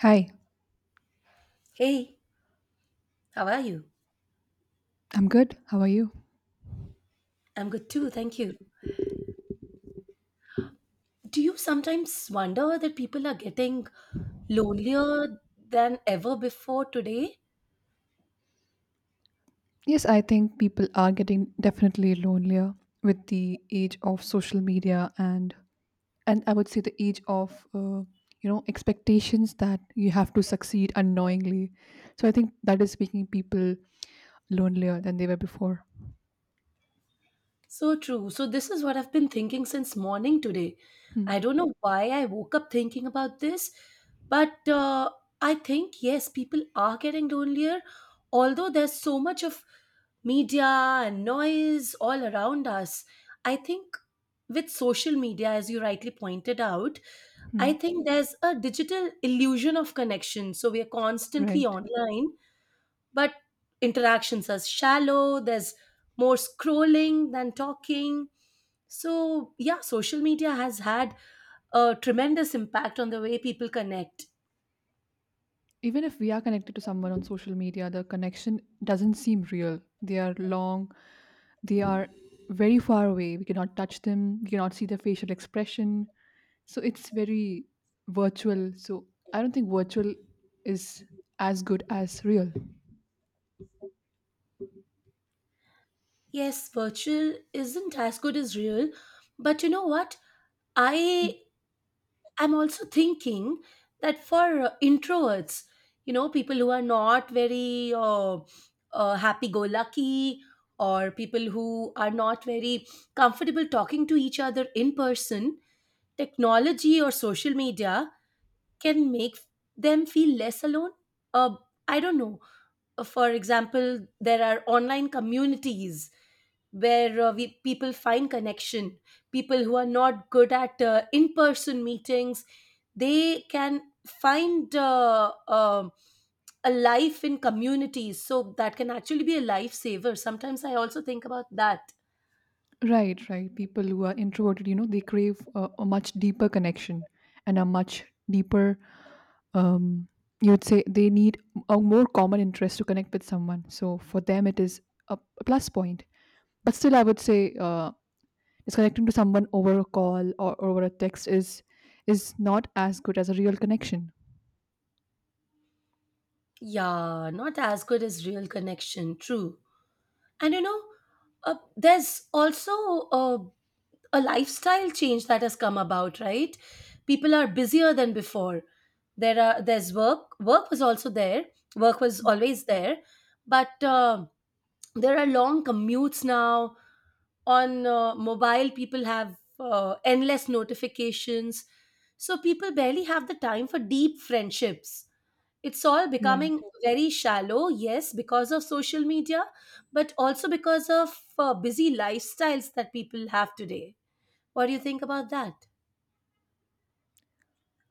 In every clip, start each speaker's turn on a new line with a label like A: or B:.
A: Hi,
B: Hey, how are you?
A: I'm good. How are you?
B: I'm good too, thank you. Do you sometimes wonder that people are getting lonelier than ever before today?
A: Yes, I think people are getting definitely lonelier with the age of social media and I would say the age of expectations that you have to succeed unknowingly. So I think that is making people lonelier than they were before.
B: So true. So, this is what I've been thinking since morning today.
A: Hmm.
B: I don't know why I woke up thinking about this, but I think, yes, people are getting lonelier, although there's so much of media and noise all around us. I think with social media, as you rightly pointed out,
A: Hmm.
B: I think there's a digital illusion of connection. So we are constantly
A: Right.
B: online, but interactions are shallow. There's more scrolling than talking. So, yeah, social media has had a tremendous impact on the way people connect.
A: Even if we are connected to someone on social media, the connection doesn't seem real. They are very far away. We cannot touch them, we cannot see their facial expression. So it's very virtual. So I don't think virtual is as good as real.
B: Yes, virtual isn't as good as real, but you know what? I I'm also thinking that for introverts, people who are not very happy go lucky, or people who are not very comfortable talking to each other in person, technology or social media can make them feel less alone. Uh, I don't know. For example, there are online communities where we people find connection, people who are not good at in person meetings. They can find a life in communities, so that can actually be a lifesaver sometimes. I also think about that.
A: Right, right. People who are introverted, they crave a much deeper connection and a much deeper, um, you would say they need a more common interest to connect with someone. So for them, it is a plus point. But still, I would say is connecting to someone over a call or over a text is not as good as a real connection.
B: Yeah, not as good as real connection, true. And you know, there's also uh, a lifestyle change that has come about, right? People are busier than before. There are there's Work was also there. Work was always there, but there are long commutes now. On mobile, people have endless notifications, so people barely have the time for deep friendships. It's all
A: Right.
B: becoming very shallow, yes, because of social media, but also because of busy lifestyles that people have today. What do you think about that?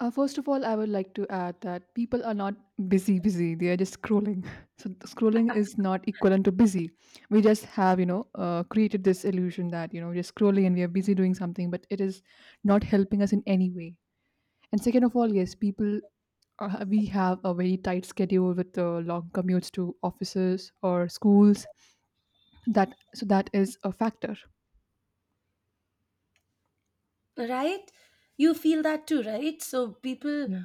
A: First of all, I would like to add that people are not busy, busy. They are just scrolling. So scrolling is not equivalent to busy. We just have, created this illusion that we're just scrolling and we are busy doing something, but it is not helping us in any way. And second of all, yes, people we have a very tight schedule with the long commutes to offices or schools. That so that is a factor.
B: Right, you feel that too, right? So people
A: Yeah.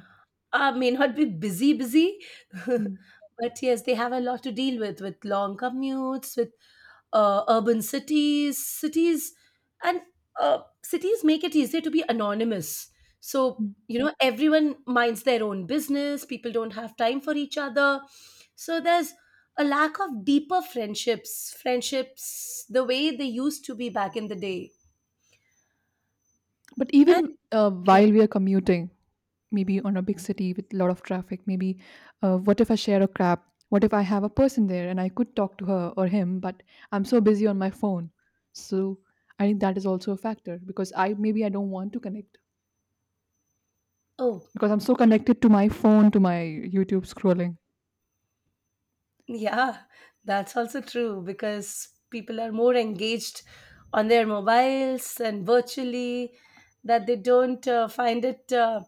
B: may not be busy, busy,
A: Mm.
B: but yes, they have a lot to deal with long commutes, with urban cities, and cities make it easier to be anonymous. So
A: Mm.
B: you know, everyone minds their own business. People don't have time for each other. So there's a lack of deeper friendships, friendships the way they used to be back in the day.
A: But
B: And
A: even
B: yeah,
A: while we are commuting, maybe on a big city with a lot of traffic, maybe, what if I share a cab? What if I have a person there and I could talk to her or him, but I'm so busy on my phone? So I think that is also a factor, because I, maybe I don't want to connect,
B: oh,
A: because I'm so connected to my phone, to my YouTube scrolling.
B: yeah, that's also true because people are more engaged on their mobiles and virtually, that they don't find it uh,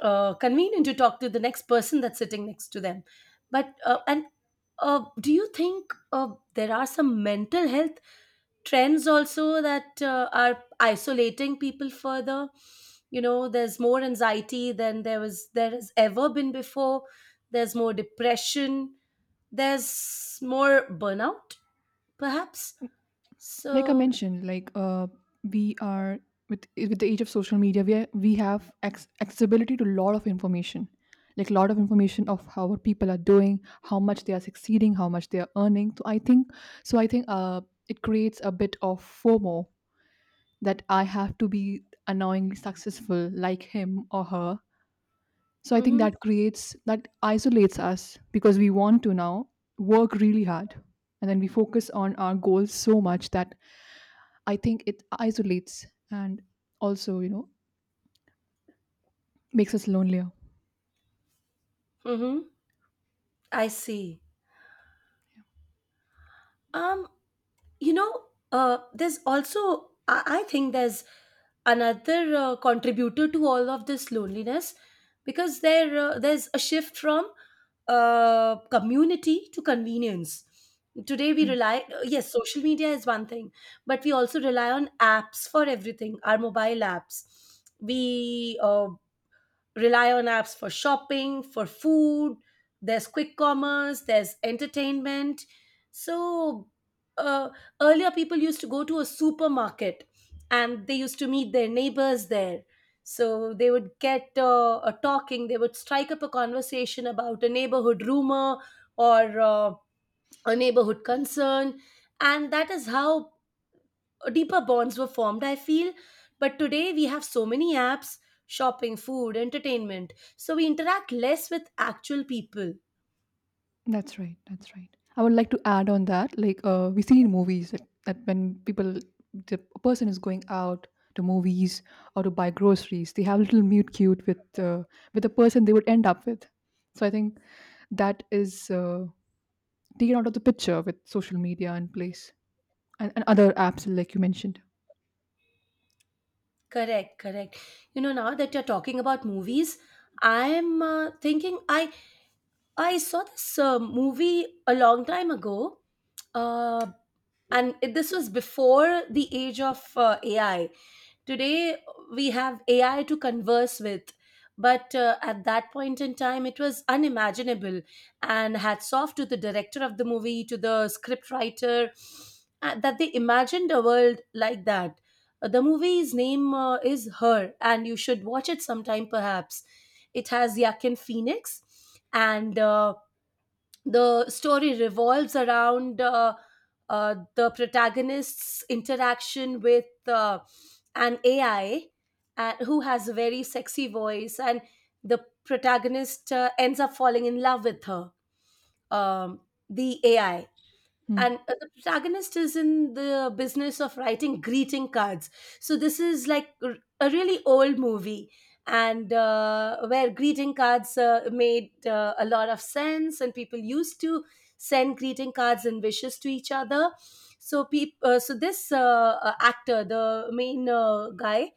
B: uh, convenient to talk to the next person that's sitting next to them. But and Do you think there are some mental health trends also that are isolating people further? You know, there's more anxiety than there has ever been before. There's more depression, there's more burnout perhaps.
A: Like I
B: So
A: mentioned, we are, with the age of social media, we are, we have accessibility to a lot of information, like a lot of information of how what people are doing, how much they are succeeding, how much they are earning. So I think it creates a bit of FOMO, that I have to be annoyingly successful like him or her. So I think
B: mhm,
A: that isolates us because we want to now work really hard. And then we focus on our goals so much that I think it isolates and also, makes us lonelier.
B: mhm, I see. um you know, there's also I think there's another contributor to all of this loneliness, because there's a shift from community to convenience. Today we
A: Right.
B: rely, yes, social media is one thing, but we also rely on apps for everything, our mobile apps. We rely on apps for shopping, for food. There's quick commerce, there's entertainment. So, uh, earlier people used to go to a supermarket and they used to meet their neighbors there. So, they would get a talking, they would strike up a conversation about a neighborhood rumor or a neighborhood concern. And that is how deeper bonds were formed, I feel. But today we have so many apps: shopping, food, entertainment. So we interact less with actual people.
A: That's right. That's right. I would like to add on that, like we see in movies that when the person is going out to movies or to buy groceries, they have little mute cute with with the person they would end up with. So I think that is taken out of the picture with social media in place, and other apps like you mentioned.
B: Correct, correct. You know, now that you're talking about movies, I'm thinking, I saw this movie a long time ago, uh, and this was before the age of AI. Today we have AI to converse with, but at that point in time it was unimaginable. And hats off to the director of the movie, to the script writer, that they imagined a world like that. The movie's name is Her, and you should watch it sometime perhaps. It has Yakin Phoenix, and the story revolves around the protagonist's interaction with an AI, and who has a very sexy voice, and the protagonist ends up falling in love with her, um, the AI.
A: Hmm.
B: And the protagonist is in the business of writing greeting cards. So this is like a really old movie, and where greeting cards made a lot of sense and people used to send greeting cards and wishes to each other. So so this actor, the main guy,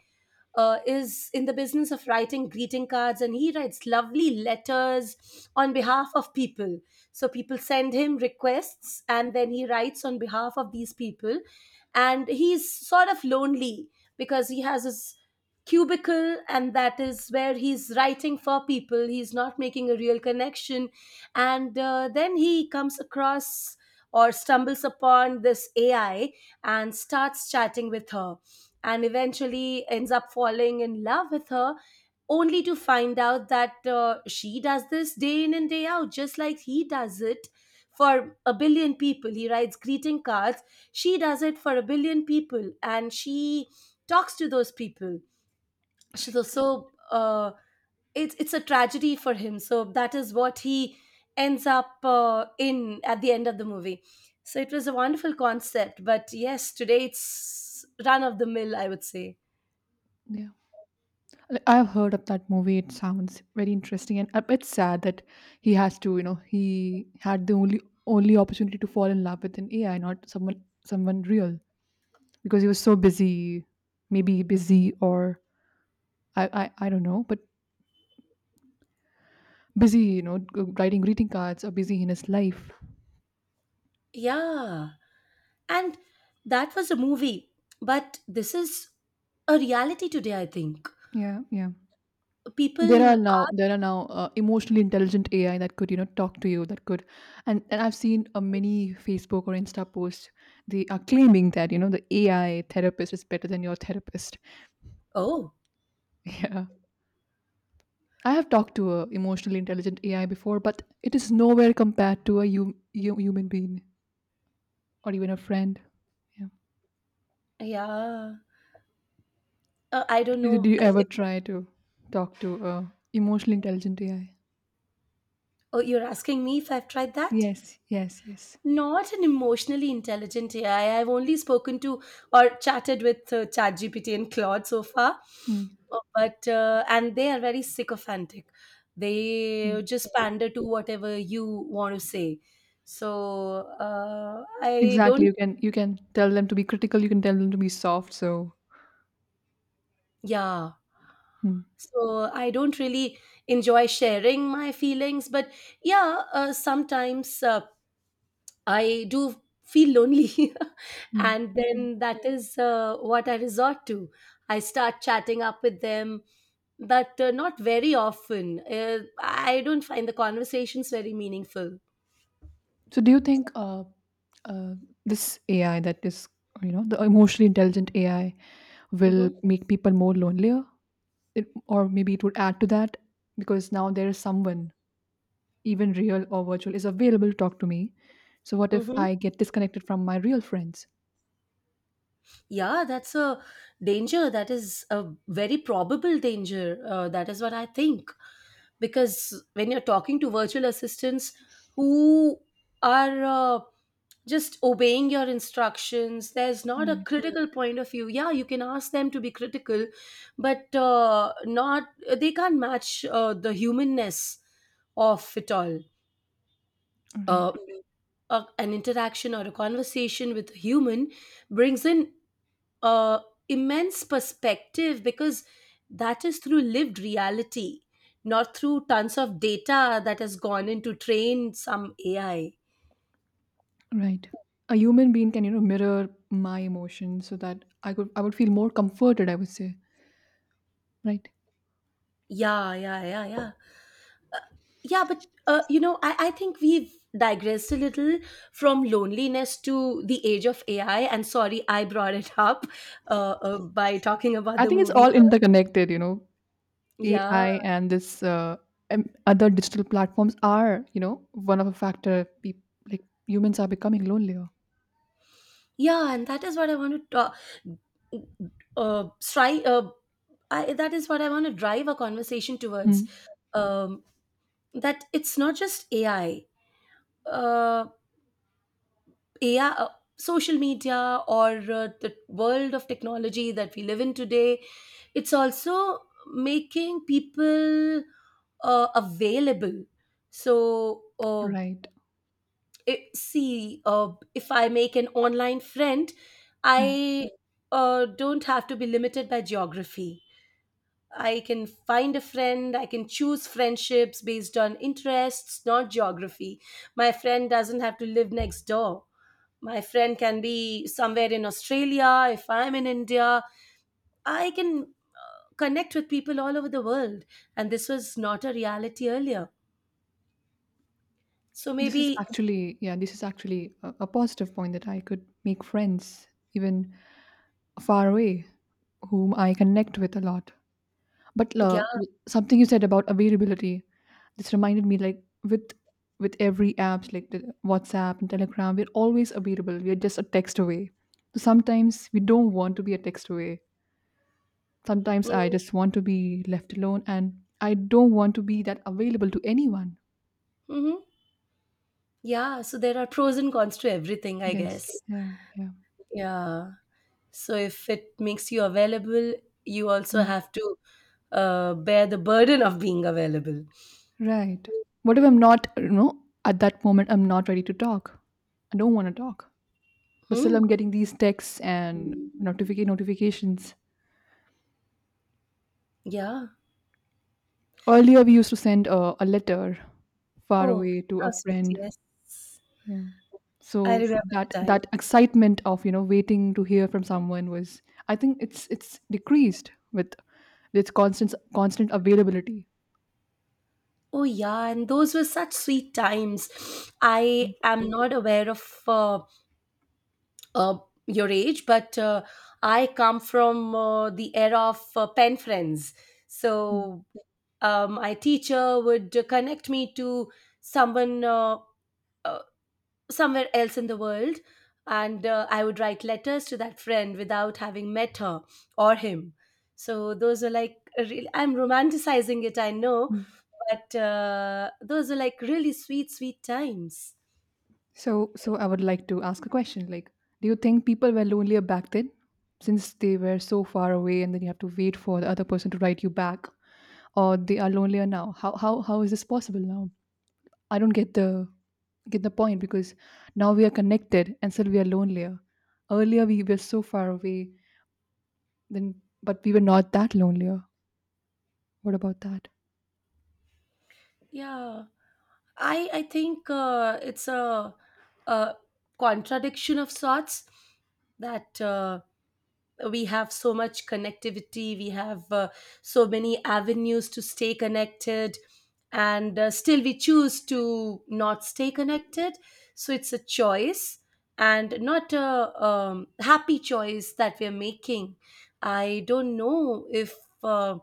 B: is in the business of writing greeting cards, and he writes lovely letters on behalf of people. So people send him requests and then he writes on behalf of these people. And he's sort of lonely because he has his cubicle and that is where he's writing for people. He's not making a real connection. And then he comes across or stumbles upon this AI and starts chatting with her, and eventually ends up falling in love with her, only to find out that she does this day in and day out just like he does it. For a billion people he writes greeting cards, she does it for a billion people, and she talks to those people. So it's a tragedy for him, so that is what he ends up in at the end of the movie. So it was a wonderful concept, but yes, today it's run of the mill, I would say.
A: Yeah, like, I've heard of that movie. It sounds very interesting, and a bit sad that he has to. You know, he had the only opportunity to fall in love with an AI, not someone real, because he was so busy, maybe busy or I don't know, but busy. You know, writing greeting cards or busy in his life.
B: Yeah. And that was a movie. But this is a reality today, I think.
A: Yeah, yeah. there are
B: People,
A: now there are now uh, emotionally intelligent AI that could talk to you, and I've seen many Facebook or Insta posts. They are claiming that the AI therapist is better than your therapist.
B: oh,
A: Yeah. I have talked to a emotionally intelligent AI before, but it is nowhere compared to a human being, or even a friend. Yeah.
B: yeah. I don't
A: Did
B: know.
A: you ever try to talk to a emotionally intelligent AI?
B: Oh, you're asking me if I've tried that?
A: Yes, yes, yes.
B: Not an emotionally intelligent AI. I've only spoken to or chatted with ChatGPT and Claude so far.
A: Hmm.
B: And they are very sycophantic. They
A: Hmm.
B: just pander to whatever you want to say. I
A: Exactly.
B: don't.
A: You can tell them to be critical. You can tell them to be soft. So,
B: Yeah.
A: hmm.
B: So I don't really enjoy sharing my feelings, but yeah, sometimes I do feel lonely.
A: Hmm.
B: And
A: Yeah.
B: then that is what I resort to. I start chatting up with them, but not very often. I don't find the conversations very meaningful.
A: So, do you think uh, this AI that is, the emotionally intelligent AI will
B: Hmm.
A: make people more lonelier, or maybe it would add to that, because now there is someone, even real or virtual, is available to talk to me? So, what if
B: Hmm.
A: I get disconnected from my real friends?
B: Yeah, that's a danger. That is a very probable danger. That is what I think. Because when you're talking to virtual assistants who are uh, just obeying your instructions, there's not a
A: Right,
B: critical point of view. Yeah, you can ask them to be critical, but not they can't match the humanness of it all.
A: right,
B: Uh, an interaction or a conversation with a human brings in uh, immense perspective, because that is through lived reality, not through tons of data that has gone into train some AI.
A: right. A human being can, mirror my emotions so that I would feel more comforted, I would say. Right.
B: Yeah, yeah, yeah, yeah. Uh, yeah, but you know, I think we've digressed a little from loneliness to the age of AI. And sorry, I brought it up by talking about
A: I
B: the
A: think it's
B: movie.
A: all interconnected, you know.
B: Yeah,
A: AI and this other digital platforms are, one of a factor. People like humans are becoming lonelier.
B: yeah, and that is what I want to talk. Uh, try. Uh, that is what I want to drive a conversation
A: Mm.
B: towards. Um, that it's not just AI, uh, AI, social media, or the world of technology that we live in today. It's also making people available. So,
A: Right.
B: see, if I make an online friend,
A: Mm.
B: I don't have to be limited by geography. I can find a friend. I can choose friendships based on interests, not geography. My friend doesn't have to live next door. My friend can be somewhere in Australia. If I'm in India, I can connect with people all over the world. And this was not a reality earlier. So
A: This is
B: maybe,
A: actually, yeah, this is actually a positive point that I could make friends even far away, whom I connect with a lot. But
B: yeah.
A: something you said about availability, this reminded me, like with every apps like the WhatsApp and Telegram, we're always available. We're just a text away. So sometimes we don't want to be a text away. Sometimes I
B: Mm-hmm.
A: just want to be left alone, and I don't want to be that available to anyone.
B: Mm-hmm. Yeah. So there are pros and cons to everything, I
A: Yes.
B: guess.
A: Yeah. Yeah.
B: Yeah. So if it makes you available, you also
A: Mm.
B: have to bear the burden of being available.
A: Right. What if I'm not, at that moment I'm not ready to talk? I don't want to talk. But still
B: Hmm.
A: I'm getting these texts and notifications.
B: Yeah.
A: Earlier, we used to send a letter far
B: Oh,
A: away to a
B: how sweet.
A: friend.
B: Yes.
A: Yeah.
B: I
A: So
B: remember the
A: that
B: time.
A: excitement of waiting to hear from someone was, I think it's decreased with this constant availability.
B: Oh, yeah. And those were such sweet times. I am not aware of uh, your age, but I come from the era of pen friends.
A: Mm,
B: So my teacher would connect me to someone. Uh, Somewhere else in the world, and I would write letters to that friend without having met her or him. So those are like, really, I'm romanticizing it, I know,
A: mm.
B: but those are like really sweet sweet times.
A: So I would like to ask a question. Like, do you think people were lonelier back then, since they were so far away, and then you have to wait for the other person to write you back, or they are lonelier now? How is this possible now? I don't get the point, because now we are connected and still we are lonelier. Earlier we were so far away, then but we were not that lonelier. What about that?
B: Yeah, I think it's a contradiction of sorts, that we have so much connectivity, we have so many avenues to stay connected, and still we choose to not stay connected. So it's a choice, and not a happy choice that we're making. I don't know if uh,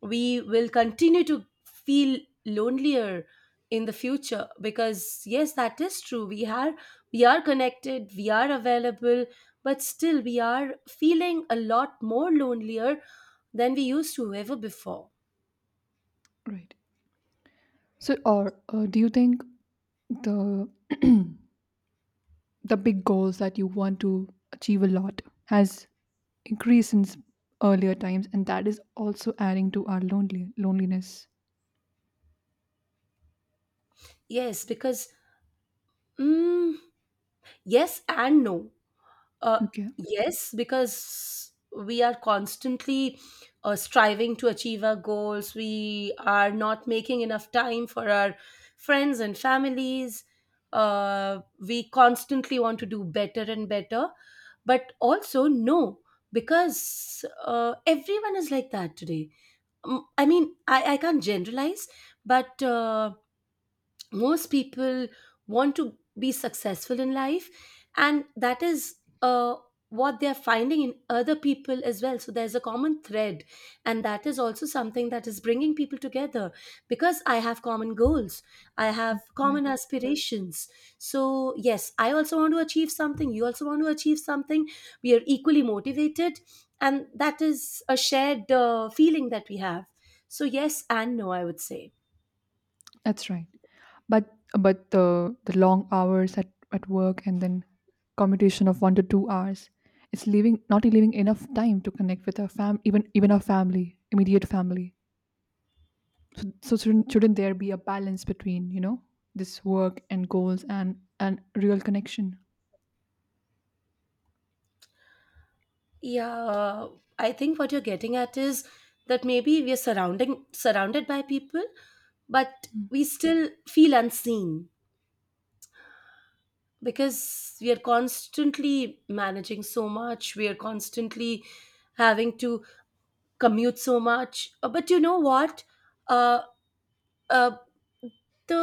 B: we will continue to feel lonelier in the future, because yes, that is true, we are connected, we are available, but still we are feeling a lot more lonelier than we used to ever before.
A: Right. So, or do you think the the big goals that you want to achieve a lot has increased since earlier times, and that is also adding to our lonely loneliness?
B: Yes, because mm, yes and no. uh,
A: Okay.
B: yes because we are constantly striving to achieve our goals, we are not making enough time for our friends and families. uh, we constantly want to do better and better, but also no, because everyone is like that today. I mean, I can't generalize, but most people want to be successful in life, and that is uh, what they're finding in other people as well. So there's a common thread, and that is also something that is bringing people together, because I have common goals, I have
A: Right.
B: common aspirations. So yes, I also want to achieve something, you also want to achieve something, we are equally motivated, and that is a shared feeling that we have. So yes and no, I would say.
A: That's right. But the long hours at work and then commutation of 1 to 2 hours, it's leaving not leaving enough time to connect with our fam even our family, immediate family. So, shouldn't there be a balance between this work and goals and real connection?
B: Yeah, I think what you're getting at is that maybe we are surrounding surrounded by people, but
A: Mm,
B: we still feel unseen, because we are constantly managing so much. We are constantly having to commute so much. But you know what? Uh, uh, the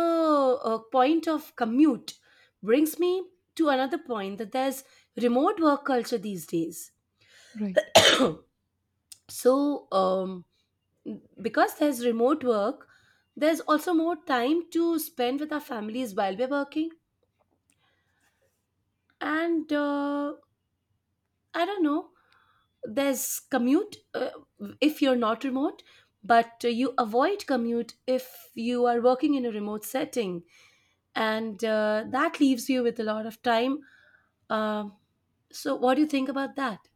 B: uh, point of commute brings me to another point, that there's remote work culture these days.
A: right.
B: So, because there's remote work, there's also more time to spend with our families while we're working. And I don't know, there's commute, if you're not remote, but you avoid commute if you are working in a remote setting. And that leaves you with a lot of time. Um so, what do you think about that?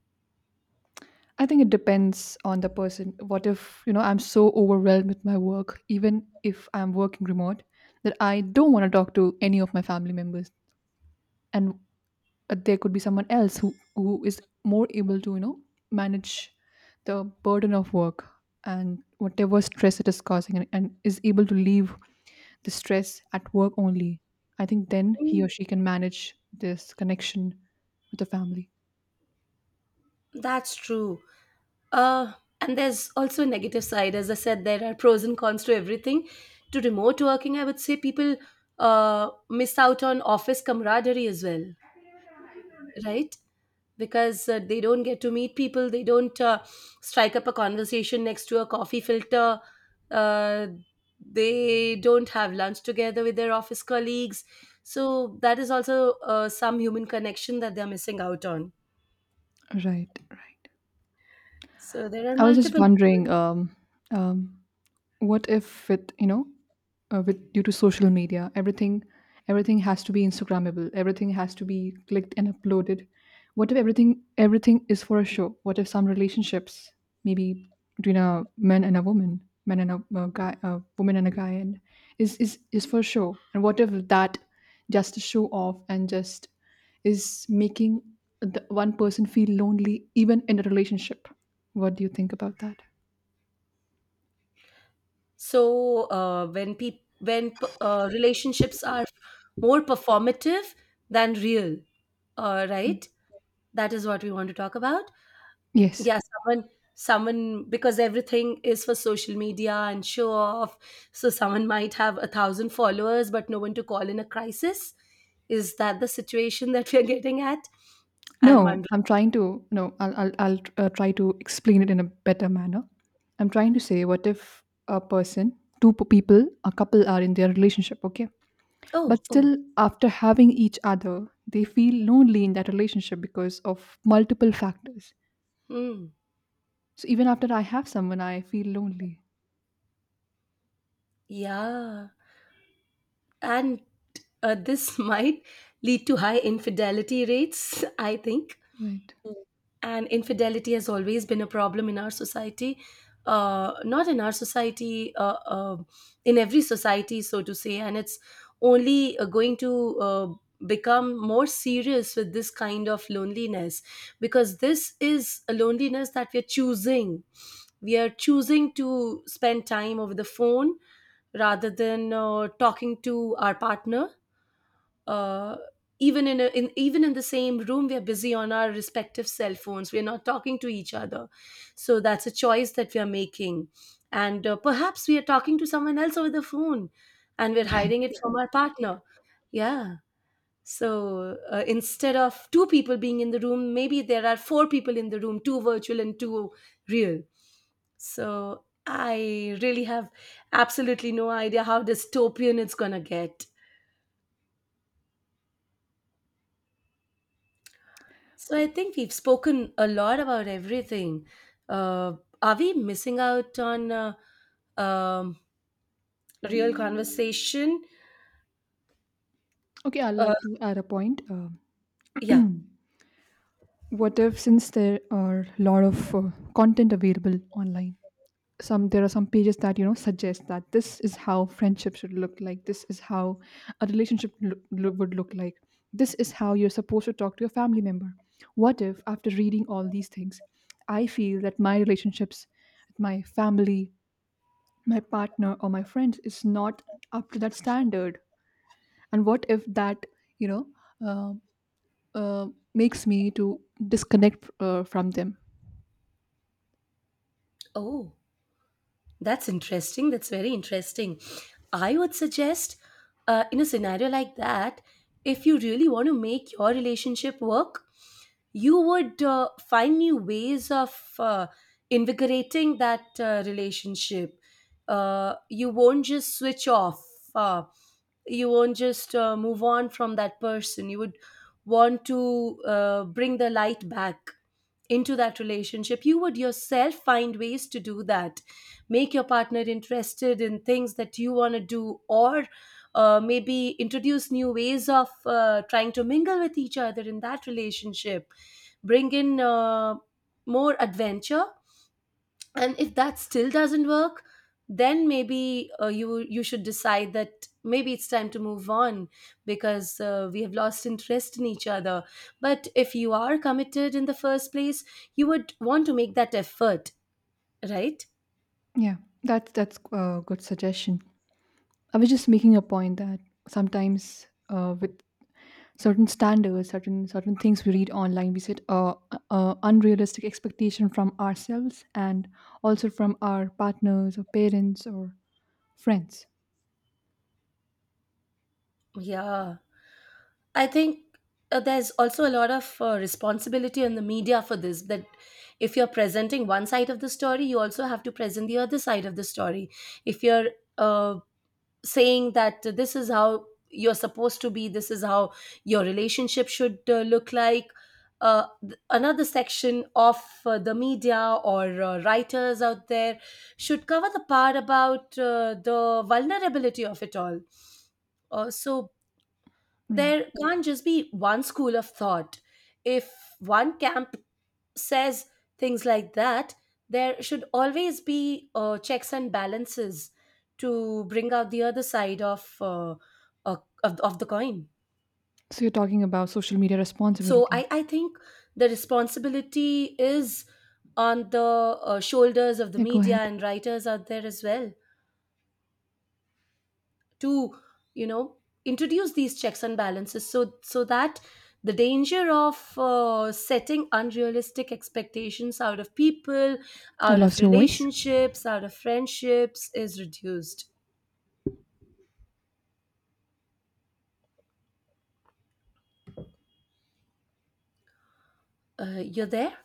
A: I think it depends on the person. What if I'm so overwhelmed with my work, even if I'm working remote, that I don't want to talk to any of my family members, and there could be someone else who is more able to manage the burden of work and whatever stress it is causing, and is able to leave the stress at work only. I think then he or she can manage this connection with the family.
B: That's true. Uh, and there's also a negative side. As I said, there are pros and cons to everything. To remote working, I would say people miss out on office camaraderie as well, right? Because they don't get to meet people, they don't strike up a conversation next to a coffee filter, uh, they don't have lunch together with their office colleagues. So, that is also some human connection that they're missing out on.
A: Right, right.
B: So, there are
A: I was just
B: multiple.
A: wondering, um what if with, due to social media, everything, has to be instagrammable, everything has to be clicked and uploaded. What if everything is for a show? What if some relationships, maybe between a man and a woman, man and a guy, a woman and a guy, and is for show, and what if that, just to show off, and just, is making the one person feel lonely even in a relationship? What do you think about that?
B: When relationships are more performative than real, right? That is what we want to talk about.
A: Yes.
B: Yeah, someone because everything is for social media and show off. So someone might have a thousand followers, but no one to call in a crisis. Is that the situation that we are getting at? I'm
A: No,
B: wondering.
A: I'm trying to, no, I'll try to explain it in a better manner. I'm trying to say, what if a person, two people, a couple, are in their relationship, okay?
B: Oh,
A: But
B: oh,
A: still, after having each other, they feel lonely in that relationship because of multiple factors.
B: hmm,
A: So even after I have someone, I feel lonely.
B: yeah. And this might lead to high infidelity rates, I think.
A: Right.
B: And infidelity has always been a problem in our society. Not in our society, in every society, so to say. And it's only going to become more serious with this kind of loneliness, because this is a loneliness that we're choosing. We are choosing to spend time over the phone rather than talking to our partner, uh, even in, a, in even in the same room we are busy on our respective cell phones, we're not talking to each other. So that's a choice that we are making, and perhaps we are talking to someone else over the phone, and we're
A: Right.
B: hiding it from our partner. Yeah, so instead of two people being in the room, maybe there are four people in the room, two virtual and two real. So I really have absolutely no idea how dystopian it's going to get. So I think we've spoken a lot about everything. Uh, are we missing out on um, real conversation?
A: Okay, I'd
B: Uh,
A: like to add a point.
B: yeah.
A: What if, since there are a lot of content available online, some there are some pages that suggest that this is how friendship should look like, this is how a relationship would look like, this is how you're supposed to talk to your family member? What if after reading all these things, I feel that my relationships with my family, my partner, or my friends is not up to that standard, and what if that, you know uh, uh, makes me to disconnect from them?
B: Oh, that's interesting. That's very interesting. I would suggest, in a scenario like that, if you really want to make your relationship work, you would find new ways of invigorating that relationship. You won't just switch off. Uh, you won't just move on from that person. You would want to bring the light back into that relationship. You would yourself find ways to do that. Make your partner interested in things that you want to do, or maybe introduce new ways of trying to mingle with each other in that relationship, bring in more adventure. And if that still doesn't work, then maybe uh, you should decide that maybe it's time to move on, because we have lost interest in each other. But if you are committed in the first place, you would want to make that effort, right?
A: Yeah, that's a good suggestion. I was just making a point that sometimes with certain standards, certain things we read online, we set unrealistic expectation from ourselves and also from our partners or parents or friends.
B: Yeah, I think there's also a lot of responsibility on the media for this. That if you're presenting one side of the story, you also have to present the other side of the story. If you're uh, saying that this is how you're supposed to be, this is how your relationship should look like, another section of the media or writers out there should cover the part about the vulnerability of it all, so
A: Right.
B: there can't just be one school of thought. If one camp says things like that, there should always be checks and balances to bring out the other side of of the coin.
A: So you're talking about social media
B: So
A: responsibility.
B: I think the responsibility is on the shoulders of the
A: Yeah, go
B: media
A: ahead.
B: and writers out there as well. To, you know, introduce these checks and balances, so that the danger of setting unrealistic expectations out of people,
A: I
B: out of
A: lost your voice.
B: relationships, out of friendships, is reduced. You're there?